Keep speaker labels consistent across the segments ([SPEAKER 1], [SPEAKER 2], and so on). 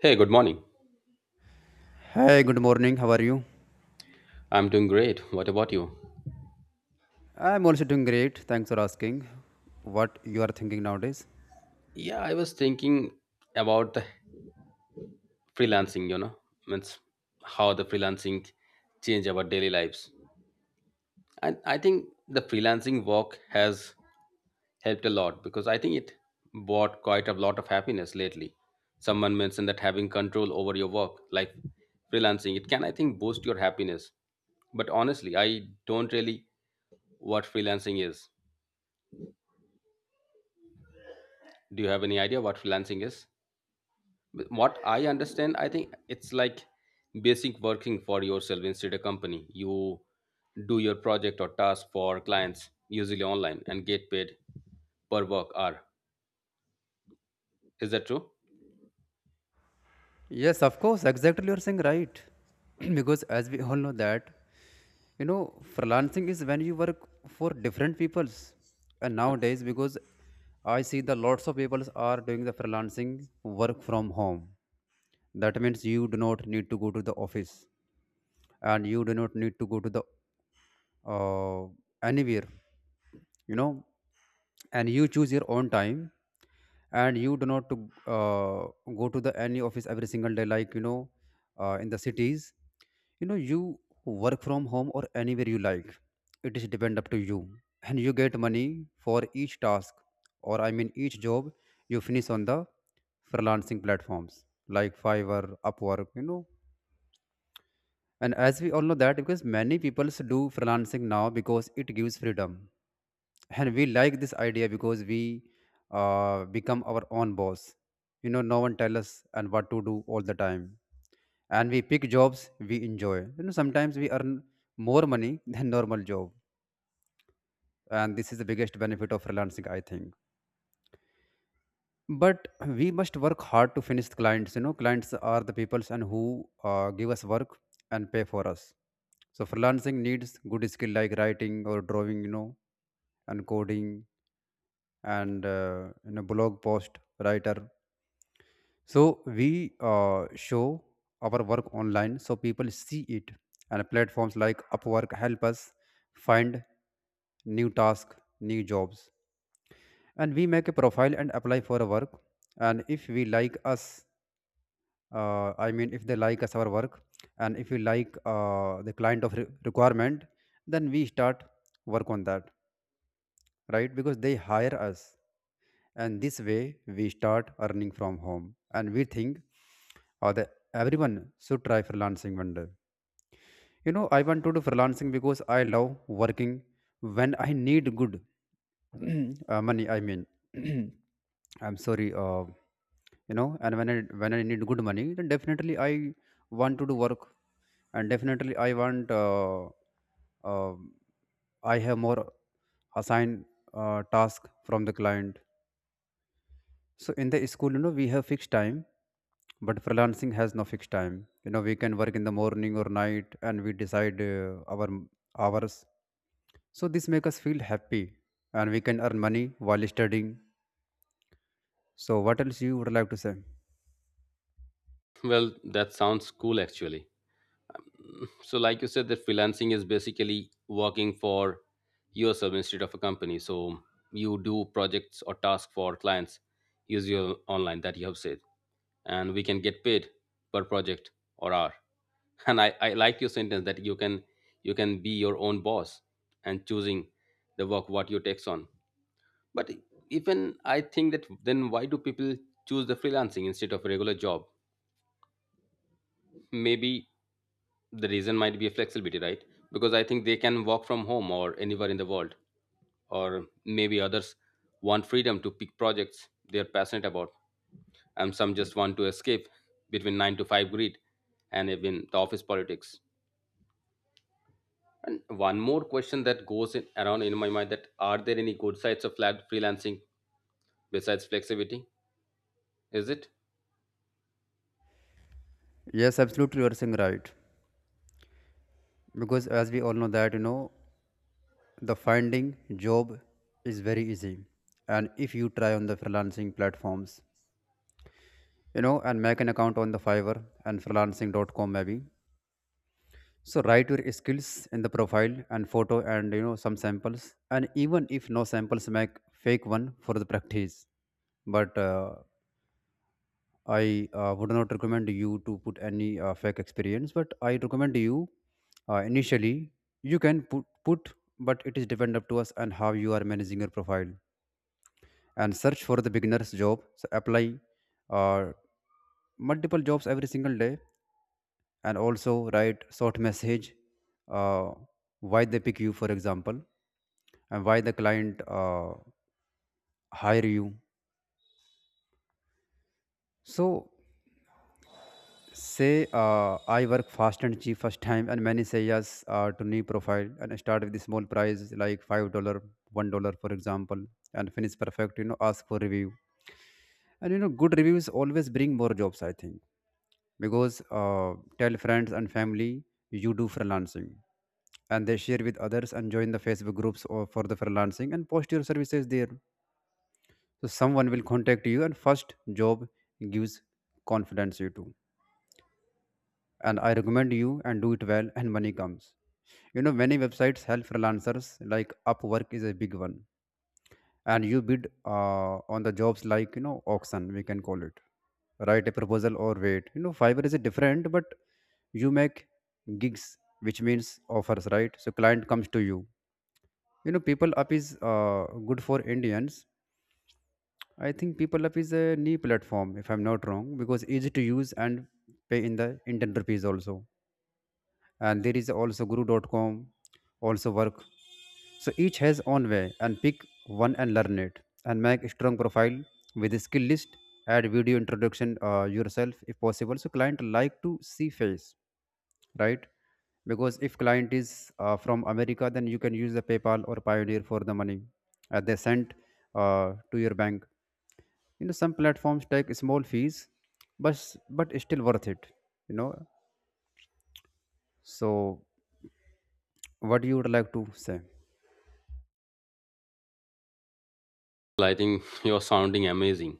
[SPEAKER 1] Hey, good morning.
[SPEAKER 2] Hey, good morning. How are you?
[SPEAKER 1] I'm doing great. What about you?
[SPEAKER 2] I'm also doing great. Thanks for asking. What you are thinking nowadays?
[SPEAKER 1] Yeah, I was thinking about the freelancing, you know, means how the freelancing change our daily lives. And I think the freelancing work has helped a lot because I think it brought quite a lot of happiness lately. Someone mentioned that having control over your work, like freelancing, it can I think boost your happiness. But honestly, I don't really what freelancing is. Do you have any idea what freelancing is? But what I understand I think it's like basic working for yourself instead of company you do your project or task for clients usually online and get paid per work hour is that true?
[SPEAKER 2] Yes, of course. Exactly, you're saying right. Because as we all know that, you know, freelancing is when you work for different peoples. And nowadays, because I see the lots of people are doing the freelancing work from home. That means you do not need to go to the office and you do not need to go to the uh, anywhere you know and you choose your own time and you do not to go to the any office every single day like you know in the cities you know you work from home or anywhere you like. It is depend up to you and you get money for each task or I mean each job you finish on the freelancing platforms like fiverr upwork you know. And as we all know that because many people do freelancing now because it gives freedom and we like this idea because we become our own boss you know no one tell us and what to do all the time and we pick jobs we enjoy you know sometimes we earn more money than normal job. And this is the biggest benefit of freelancing I think. But we must work hard to finish clients you know clients are the peoples and who give us work and pay for us. So freelancing needs good skill like writing or drawing you know and coding and you know blog post writer. So we show our work online so people see it and platforms like upwork help us find new tasks new jobs. And we make a profile and apply for a work and if we like us I mean if they like us our work and if we like the client of requirement then we start work on that right because they hire us. And this way we start earning from home and we think that everyone should try freelancing one day you know I want to do freelancing because I love working when I need good money I mean I'm sorry you know and when i need good money then definitely I want to do work. And definitely I want uh, I have more assigned task from the client. So in the school, you know, we have fixed time, but freelancing has no fixed time. You know, we can work in the morning or night, and we decide our hours. So this makes us feel happy, and we can earn money while studying. So what else you would like to say?
[SPEAKER 1] Well, that sounds cool actually. So, like you said, that freelancing is basically working for yourself instead of a company. So, you do projects or tasks for clients use your online that you have said, and we can get paid per project or hour. And I like your sentence that you can be your own boss and choosing the work what you takes on. But even I think that then why do people choose the freelancing instead of a regular job? Maybe the reason might be a flexibility, right? Because I think they can work from home or anywhere in the world, or maybe others want freedom to pick projects they're passionate about, and some just want to escape between 9 to 5 grid, and even the office politics. And one more question that goes in, around in my mind, that are there any good sides of flat freelancing besides flexibility, is it?
[SPEAKER 2] Yes, absolutely, you are saying right. Because as we all know that you know, the finding job is very easy, and if you try on the freelancing platforms, you know, and make an account on the Fiverr and freelancing.com maybe. So write your skills in the profile and photo and you know some samples. And even if no samples make fake one for the practice. But I would not recommend you to put any fake experience but I recommend you initially you can put but it is depend up to us and how you are managing your profile. And search for the beginners job so apply uh, multiple jobs every single day. And also write short message uh, why they pick you for example and why the client hire you. So say I work fast and cheap first time and many say yes to new profile and I start with the small price like $5, $1 for example and finish perfect you know ask for review. And you know good reviews always bring more jobs I think. Because tell friends and family you do freelancing and they share with others and join the facebook groups or for the freelancing and post your services there. So someone will contact you and first job gives confidence you too. And I recommend you and do it well and money comes you know many websites help freelancers like upwork is a big one. And you bid on the jobs like you know auction we can call it. Write a proposal or wait you know fiverr is a different but you make gigs which means offers right so client comes to you. You know people up is good for indians I think people up is a new platform if I'm not wrong because easy to use and pay in the indian rupees also. And there is also Guru.com, also work. So each has own way and pick one and learn it and make a strong profile with a skill list. Add video introduction yourself if possible so client like to see face right. Because if client is from america then you can use the paypal or pioneer for the money they sent to your bank. You know some platforms take small fees but it's still worth it you know. So what you would like to say?
[SPEAKER 1] Well, I think you're sounding amazing.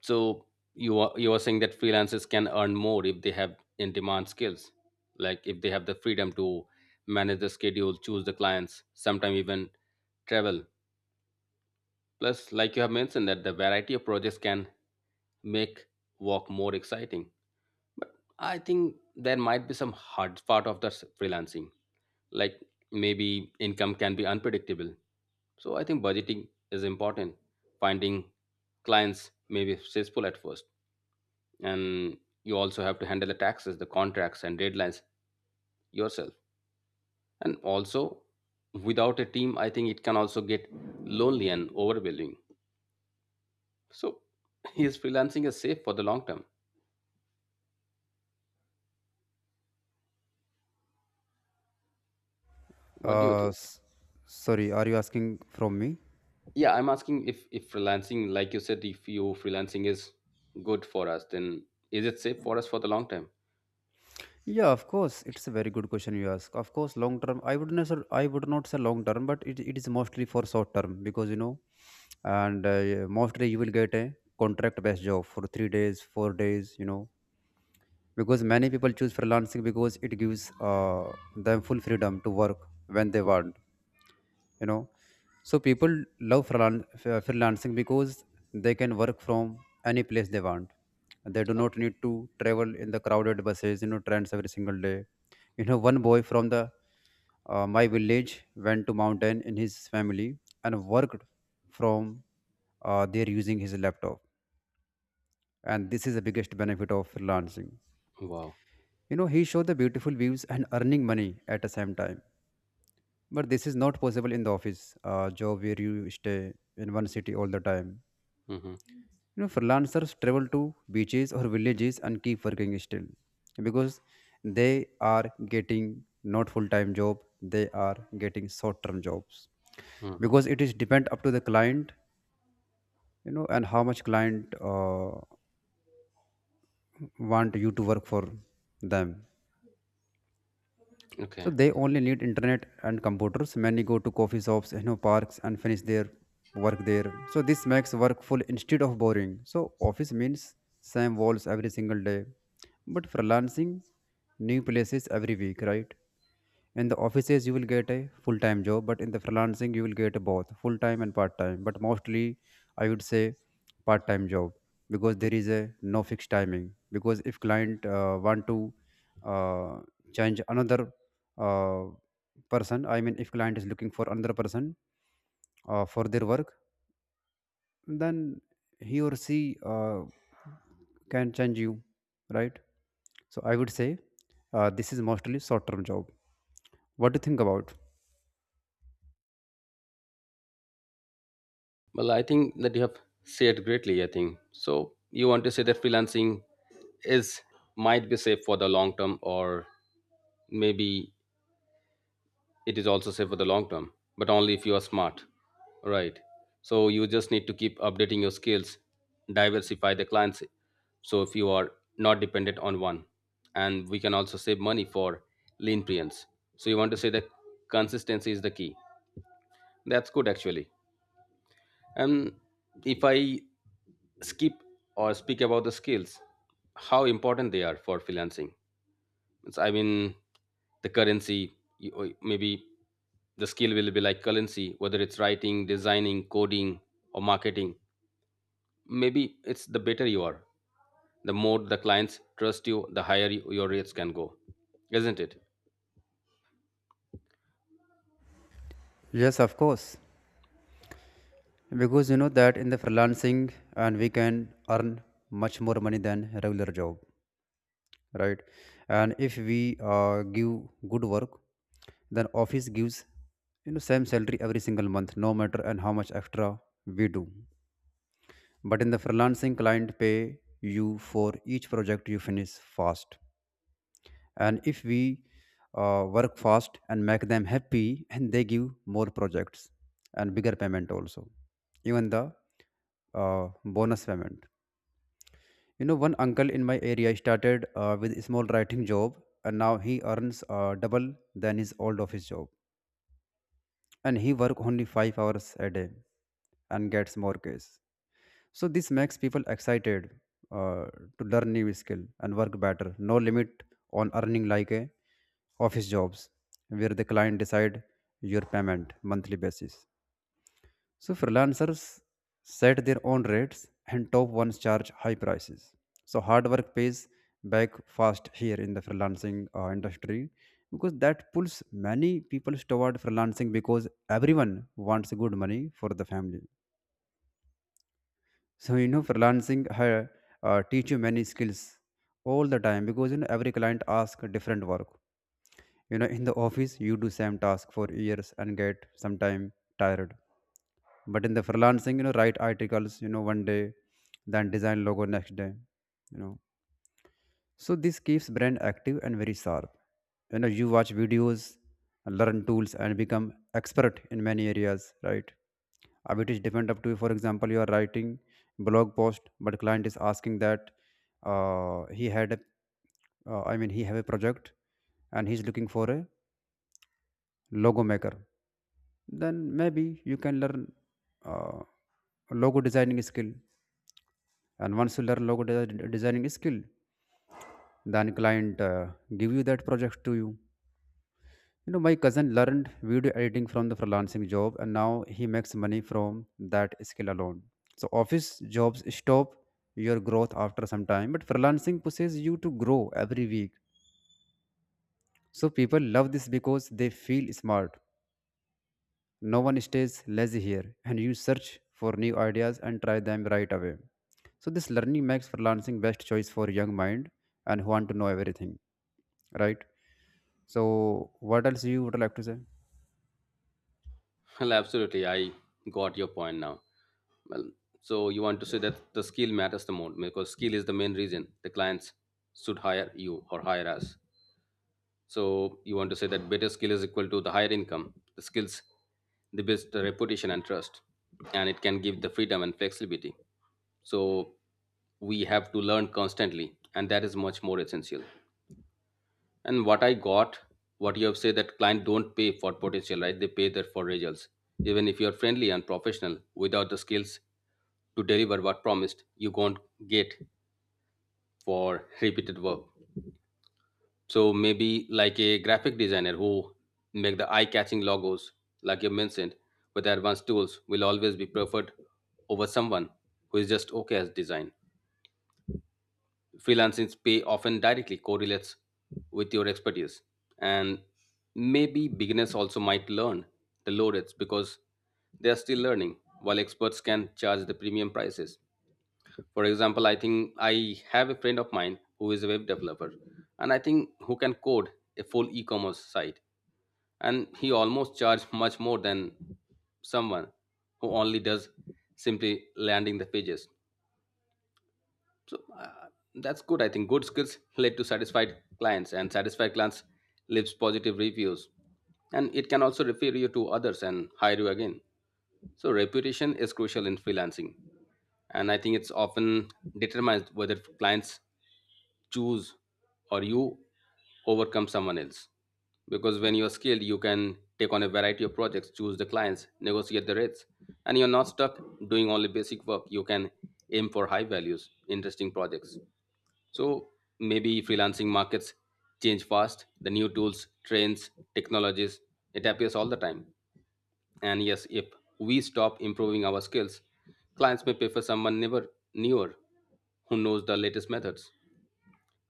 [SPEAKER 1] So you are saying that freelancers can earn more if they have in demand skills, like if they have the freedom to manage the schedule, choose the clients, sometimes even travel. Plus, like you have mentioned, that the variety of projects can make work more exciting. But I think there might be some hard part of the freelancing, like maybe income can be unpredictable. So I think budgeting is important. Finding clients may be stressful at first, and you also have to handle the taxes the contracts and deadlines yourself, and also without a team I think it can also get lonely and overwhelming. So is freelancing is safe for the long term? What do you
[SPEAKER 2] Uh,
[SPEAKER 1] think?
[SPEAKER 2] s- sorry, are you asking from me?
[SPEAKER 1] Yeah, I'm asking if freelancing like you said, if you freelancing is good for us, then is it safe for us for the long term?
[SPEAKER 2] Yeah, of course. It's a very good question you ask. Of course, long term. I would not. Say, I would not say long term, but it is mostly for short term because you know, and yeah, mostly you will get a contract based job for 3 days, 4 days. You know, because many people choose freelancing because it gives them full freedom to work when they want you know. So people love freelancing because they can work from any place they want. They do not need to travel in the crowded buses you know trains every single day. You know one boy from the my village went to mountain in his family and worked from there using his laptop. And this is the biggest benefit of freelancing
[SPEAKER 1] Wow.
[SPEAKER 2] you know he showed the beautiful views and earning money at the same time. But this is not possible in the office job where you stay in one city all the time.
[SPEAKER 1] Mm-hmm.
[SPEAKER 2] You know freelancers travel to beaches or villages and keep working still because they are getting not full time job they are getting short term jobs
[SPEAKER 1] Mm-hmm.
[SPEAKER 2] because it is depend up to the client you know and how much client want you to work for them. So
[SPEAKER 1] Okay.
[SPEAKER 2] they only need internet and computers. Many go to coffee shops, you know, parks and finish their work there. So this makes work full instead of boring. So office means same walls every single day, but freelancing new places every week, right? In the offices you will get a full time job but in the freelancing you will get both full time and part time but mostly I would say part time job because there is a no fixed timing because if client want to uh, change another uh, person I mean if client is looking for another person for their work then he or she can change you right. So I would say this is mostly short term job. What do you think about?
[SPEAKER 1] Well, I think that you have said greatly, I think. So you want to say that freelancing is might be safe for the long term, or maybe it is also safe for the long term, but only if you are smart. Right. So you just need to keep updating your skills, diversify the clients. So if you are not dependent on one, and we can also save money for lean clients. So you want to say that consistency is the key. That's good actually. And if I skip or speak about the skills, how important they are for freelancing. I mean, the currency, or maybe the skill will be like currency, whether it's writing, designing, coding, or marketing. Maybe it's the better you are, the more the clients trust you, the higher your rates can go, isn't it?
[SPEAKER 2] Yes, of course. Because you know that in the freelancing and we can earn much more money than a regular job, right? And if we give good work, then office gives you know same salary every single month, no matter and how much extra we do. But in the freelancing, client pay you for each project you finish fast. And if we work fast and make them happy, and they give more projects and bigger payment also even the bonus payment. You know, one uncle in my area started with a small writing job, and now he earns double than his old office job, and he work only 5 hours a day, and gets more case. So this makes people excited uh, to learn new skill and work better. No limit on earning like a office jobs, where the client decide your payment monthly basis. So freelancers set their own rates and top ones charge high prices. So hard work pays back fast here in the freelancing industry because that pulls many people toward freelancing because everyone wants good money for the family. So you know freelancing teach you many skills all the time because you know every client asks different work. You know, in the office you do same task for years and get sometime tired, but in the freelancing, you know, write articles, one day, then design logo next day, you know so this keeps brand active and very sharp. You know, you watch videos, learn tools and become expert in many areas, right? It is different up to, for example, you are writing blog post but client is asking that he had a I mean he have a project and he's looking for a logo maker. Then maybe you can learn uh, logo designing skill, and once you learn logo designing skill, then client give you that project to you. You know, my cousin learned video editing from the freelancing job and now he makes money from that skill alone. So office jobs stop your growth after some time, but freelancing pushes you to grow every week. So people love this because they feel smart. No one stays lazy here, and you search for new ideas and try them right away. So this learning makes freelancing best choice for young mind and who want to know everything, right? So what else you would like to say?
[SPEAKER 1] Well, absolutely. I got your point now. Well, so you want to say that the skill matters the most because skill is the main reason the clients should hire you or hire us. So you want to say that better skill is equal to the higher income, the skills, the best reputation and trust, and it can give the freedom and flexibility. So we have to learn constantly, and that is much more essential. And what I got what you have said that client don't pay for potential, right? They pay there for results. Even if you're friendly and professional without the skills to deliver what promised, you won't get for repeated work. So maybe like a graphic designer who make the eye-catching logos like you mentioned with advanced tools will always be preferred over someone who is just okay as design. Freelancing's pay often directly correlates with your expertise, and maybe beginners also might learn the low rates because they are still learning, while experts can charge the premium prices. For example, I think I have a friend of mine who is a web developer, and I think who can code a full e-commerce site, and he almost charged much more than someone who only does simply landing the pages. So that's good. I think good skills lead to satisfied clients, and satisfied clients leaves positive reviews, and it can also refer you to others and hire you again. So reputation is crucial in freelancing, and I think it's often determines whether clients choose or you overcome someone else. Because when you're skilled, you can take on a variety of projects, choose the clients, negotiate the rates, and you're not stuck doing only basic work. You can aim for high values, interesting projects. So maybe freelancing markets change fast. The new tools, trends, technologies, it appears all the time. And yes, if we stop improving our skills, clients may prefer someone never newer who knows the latest methods.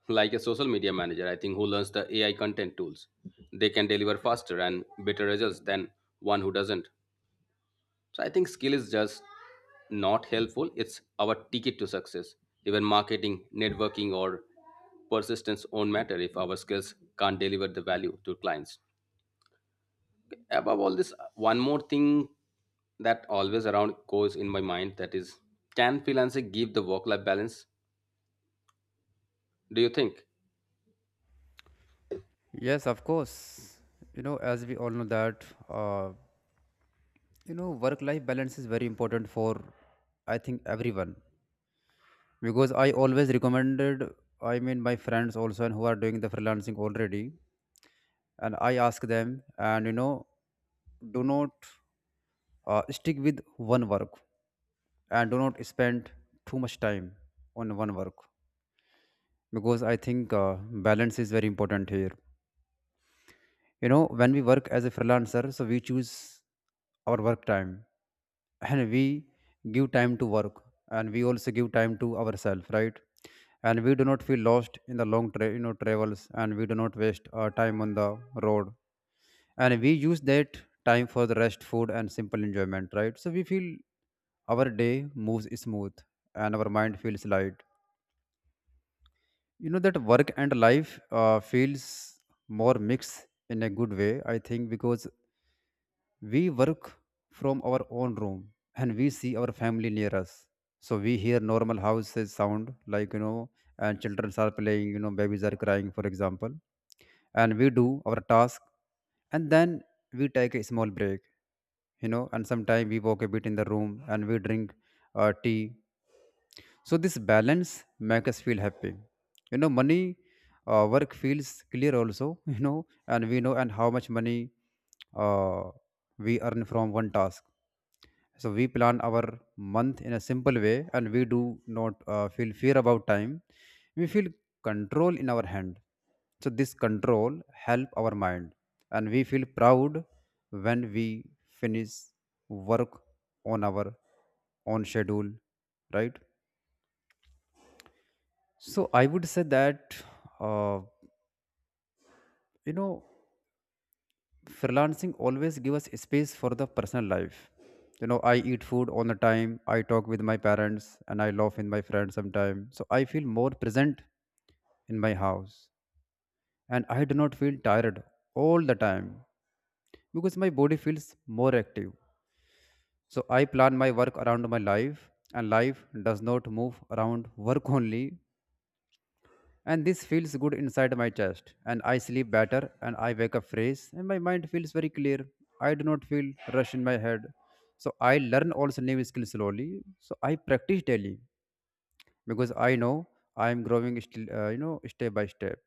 [SPEAKER 1] Like a social media manager, I think who learns the AI content tools. They can deliver faster and better results than one who doesn't. So I think skill is just not helpful. It's our ticket to success. Even marketing, networking, or persistence won't matter if our skills can't deliver the value to clients. Above all this, one more thing that always around goes in my mind, that is can freelancing give the work life balance? Do you think?
[SPEAKER 2] Yes, of course. You know, as we all know that, uh, you know, work-life balance is very important for, I think, everyone. Because I always recommended, I mean, my friends also and who are doing the freelancing already, and I ask them, and you know, do not stick with one work and do not spend too much time on one work because I think balance is very important here. You know, when we work as a freelancer, so we choose our work time, and we give time to work and we also give time to ourselves, right? And we do not feel lost in the long, travels, and we do not waste our time on the road, and we use that time for the rest, food, and simple enjoyment, right? So we feel our day moves smooth and our mind feels light. You know that work and life feels more mixed in a good way, I think, because we work from our own room and we see our family near us. So we hear normal houses sound, like, you know, and children are playing, you know, babies are crying, for example. And we do our task, and then we take a small break, and sometimes we walk a bit in the room and we drink tea, so this balance makes us feel happy. You know, money, work feels clear also. You know, and we know and how much money uh, we earn from one task. So we plan our month in a simple way, and we do not feel fear about time. We feel control in our hand. So this control help our mind, and we feel proud when we finish work on our own schedule, right? So I would say that uh, you know freelancing always give us space for the personal life. You know, I eat food on the time. I talk with my parents, and I laugh with my friends sometimes. So I feel more present in my house, and I do not feel tired all the time because my body feels more active. So I plan my work around my life, and life does not move around work only. And this feels good inside my chest, and I sleep better, and I wake up fresh, and my mind feels very clear. I do not feel rush in my head. So I learn also new skills slowly. So I practice daily because I know I am growing still, you know, step by step.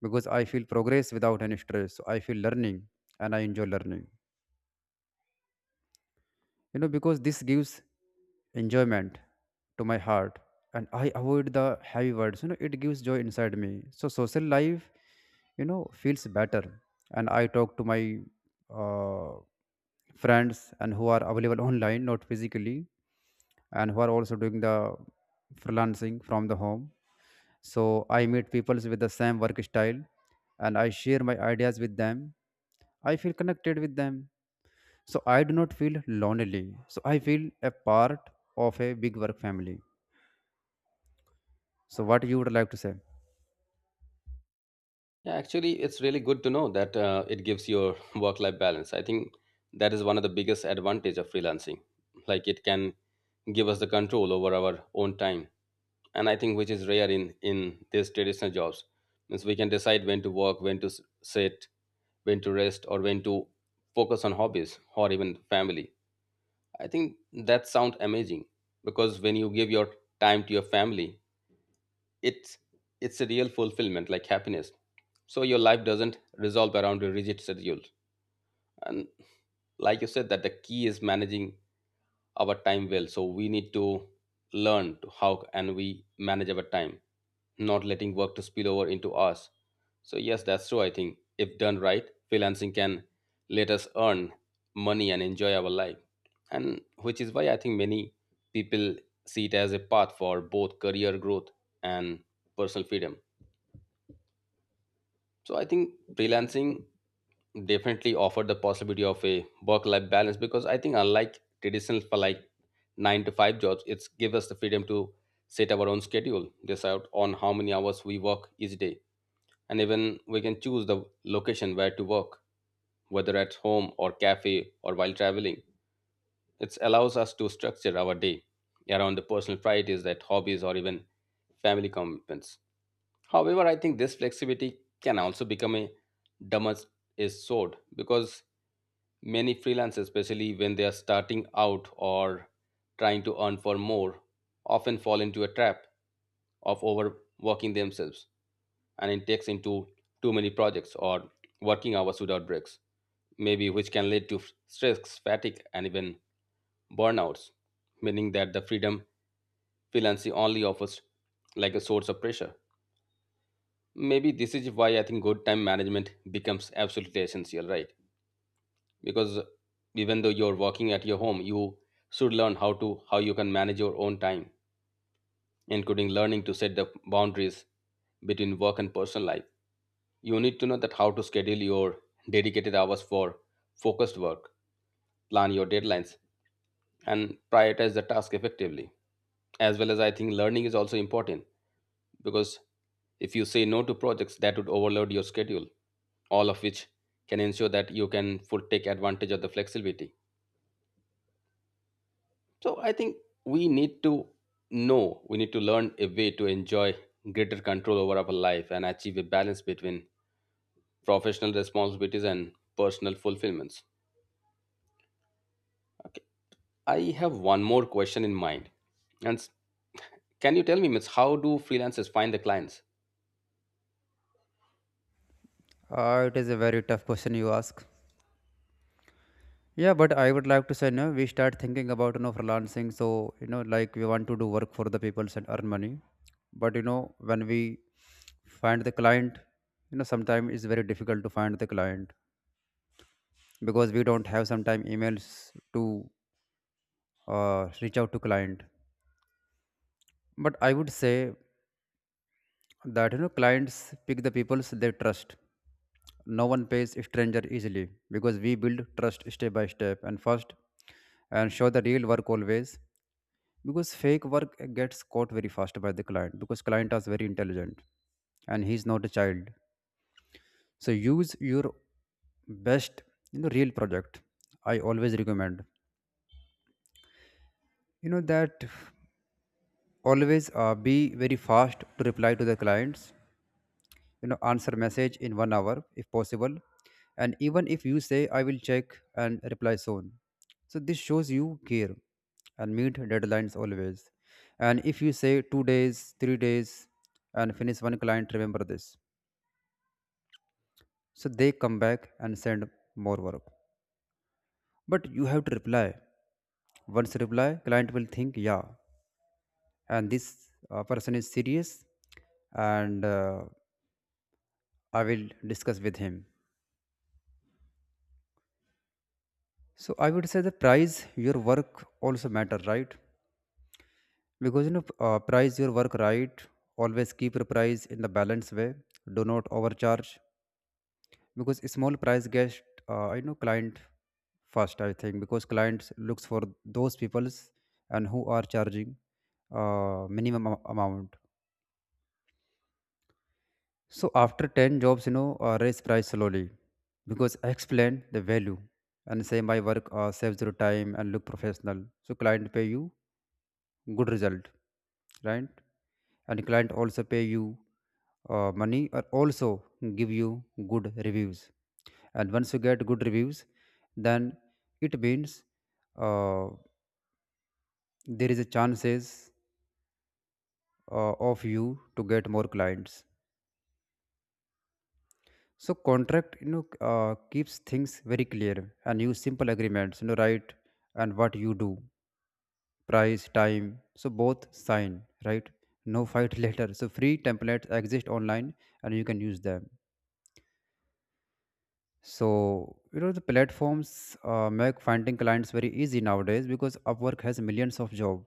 [SPEAKER 2] Because I feel progress without any stress. So I feel learning, and I enjoy learning. You know, because this gives enjoyment to my heart, and I avoid the heavy words. You know, it gives joy inside me. So social life, you know, feels better, and I talk to my uh, friends and who are available online, not physically, and who are also doing the freelancing from the home. So I meet people with the same work style, and I share my ideas with them. I feel connected with them. So I do not feel lonely. So I feel a part of a big work family. So what you would like to say?
[SPEAKER 1] Yeah, actually, it's really good to know that it gives your work life balance. I think that is one of the biggest advantage of freelancing. Like it can give us the control over our own time, and I think which is rare in these traditional jobs, means we can decide when to work, when to sit, when to rest, or when to focus on hobbies or even family. I think that sounds amazing, because when you give your time to your family, it's it's a real fulfillment like happiness. So your life doesn't resolve around a rigid schedule. And like you said, that the key is managing our time well, so we need to learn to how and we manage our time, not letting work to spill over into us. So yes, that's true. I think if done right, freelancing can let us earn money and enjoy our life, and which is why I think many people see it as a path for both career growth and personal freedom. So I think freelancing definitely offer the possibility of a work life balance, because I think unlike traditional for like 9 to 5 jobs, it's give us the freedom to set our own schedule, decide on how many hours we work each day, and even we can choose the location where to work, whether at home or cafe or while traveling. It allows us to structure our day around the personal priorities that hobbies or even family commitments. However, I think this flexibility can also become a damage is sword, because many freelancers, especially when they are starting out or trying to earn for more, often fall into a trap of overworking themselves, and it takes into too many projects or working hours without breaks, maybe which can lead to stress, fatigue, and even burnouts, meaning that the freedom freelancing only offers like a source of pressure. Maybe this is why I think good time management becomes absolutely essential, right? Because even though you're working at your home, you should learn how to how you can manage your own time, including learning to set the boundaries between work and personal life. You need to know that how to schedule your dedicated hours for focused work, plan your deadlines, and prioritize the task effectively, as well as I think learning is also important. Because if you say no to projects that would overload your schedule, all of which can ensure that you can full take advantage of the flexibility. So I think we need to know, we need to learn a way to enjoy greater control over our life and achieve a balance between professional responsibilities and personal fulfillments. Okay. I have one more question in mind. And can you tell me, Miss, how do freelancers find the clients?
[SPEAKER 2] It is a very tough question you ask. Yeah, but I would like to say, no, we start thinking about, you know, freelancing. So you know, like, we want to do work for the people and earn money. But you know, when we find the client, you know, sometimes it's very difficult to find the client because we don't have sometime emails to reach out to client. But I would say that, you know, clients pick the peoples they trust. No one pays stranger easily because we build trust step by step and first, and show the real work always because fake work gets caught very fast by the client because client is very intelligent and he's not a child. So use your best, you know, real project. I always recommend, you know, that always be very fast to reply to the clients. You know, answer message in 1 hour if possible, and even if you say I will check and reply soon, so this shows you care. And meet deadlines always, and if you say 2 days, 3 days, and finish one client, remember this, so they come back and send more work. But you have to reply. Once reply, client will think, yeah, and this person is serious and I will discuss with him. So I would say the price your work also matter, right? Because, you know, price your work right. Always keep your price in the balance way. Do not overcharge because small price gets, I know, client first. I think because clients looks for those peoples and who are charging minimum amount. So after 10 jobs, you know, raise price slowly because I explain the value and say my work saves your time and look professional. So client pay you good result, right? And client also pay you money, or also give you good reviews, and once you get good reviews, then it means uh, there is a chances of you to get more clients. So contract, you know, keeps things very clear, and use simple agreements, you know, right? And what you do, price, time, so both sign, right? No fight later. So free templates exist online, and you can use them. So, you know, the platforms make finding clients very easy nowadays because Upwork has millions of job,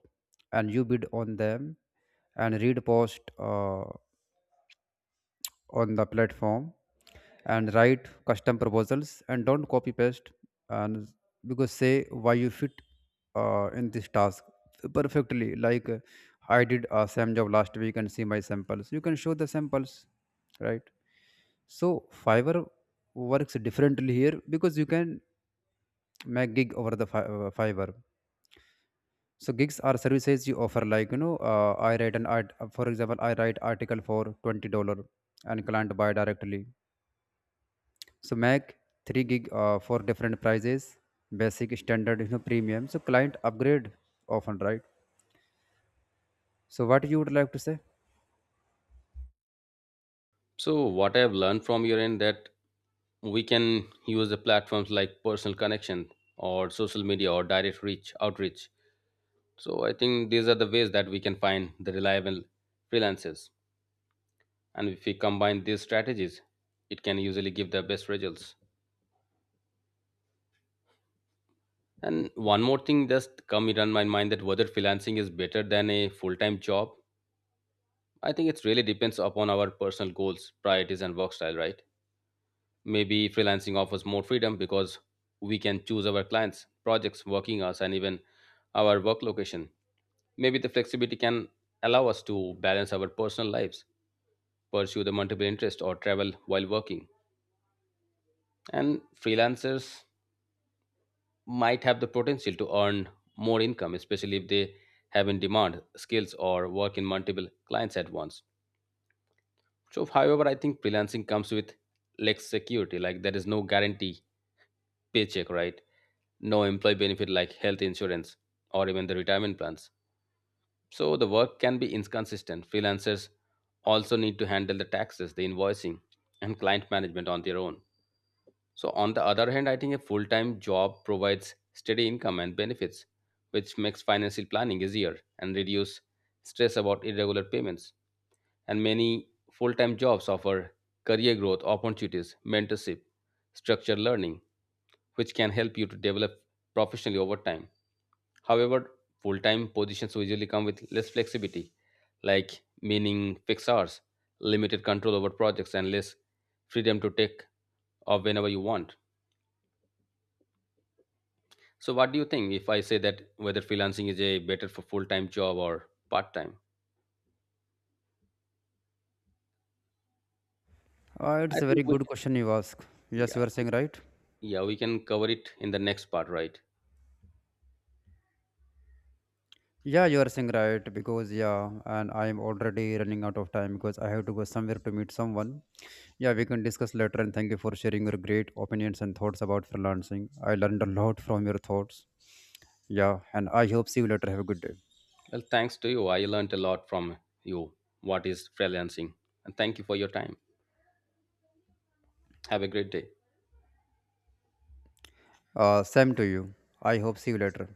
[SPEAKER 2] and you bid on them and read post on the platform, and write custom proposals and don't copy paste. And because say why you fit in this task perfectly, like, I did a same job last week and see my samples. You can show the samples, right? So Fiverr works differently here because you can my gig over the fiverr. So gigs are services you offer, like, you know, I write an art for example, I write article for $20 and client buy directly. So make 3 gig for different prices, basic, standard, you know, premium, so client upgrade often, right? So what you would like to say?
[SPEAKER 1] So what I have learned from your end, that we can use the platforms like personal connection or social media or direct reach outreach. So I think these are the ways that we can find the reliable freelancers. And if we combine these strategies, it can usually give the best results. And one more thing just come in my mind, that whether freelancing is better than a full-time job. I think it really depends upon our personal goals, priorities and work style, right? Maybe freelancing offers more freedom because we can choose our clients, projects, working hours, and even our work location. Maybe the flexibility can allow us to balance our personal lives, pursue the multiple interests, or travel while working. And freelancers might have the potential to earn more income, especially if they have in demand skills or work in multiple clients at once. So, however, I think freelancing comes with less security, like there is no guarantee paycheck, right? No employee benefit like health insurance or even the retirement plans. So, the work can be inconsistent. Freelancers also need to handle the taxes, the invoicing, and client management on their own. So, on the other hand, I think a full time job provides steady income and benefits, which makes financial planning easier and reduce stress about irregular payments. And many full time jobs offer career growth opportunities, mentorship, structured learning, which can help you to develop professionally over time. However, full time positions usually come with less flexibility, like meaning fixed hours, limited control over projects, and less freedom to take off whenever you want. So, what do you think if I say that whether freelancing is a better for full-time job or part-time? I
[SPEAKER 2] It's a
[SPEAKER 1] think
[SPEAKER 2] very
[SPEAKER 1] we
[SPEAKER 2] good
[SPEAKER 1] can,
[SPEAKER 2] question you ask. Yes,
[SPEAKER 1] yeah,
[SPEAKER 2] you are saying right.
[SPEAKER 1] yeah, we can cover it in the next part, right?
[SPEAKER 2] Yeah, you are saying right because, yeah, and I am already running out of time because I have to go somewhere to meet someone. Yeah, we can discuss later, and thank you for sharing your great opinions and thoughts about freelancing. I learned a lot from your thoughts. Yeah, and I hope see you later. Have a good day.
[SPEAKER 1] Well, thanks to you, I learned a lot from you. What is freelancing? And thank you for your time. Have a great day.
[SPEAKER 2] Same to you. I hope see you later.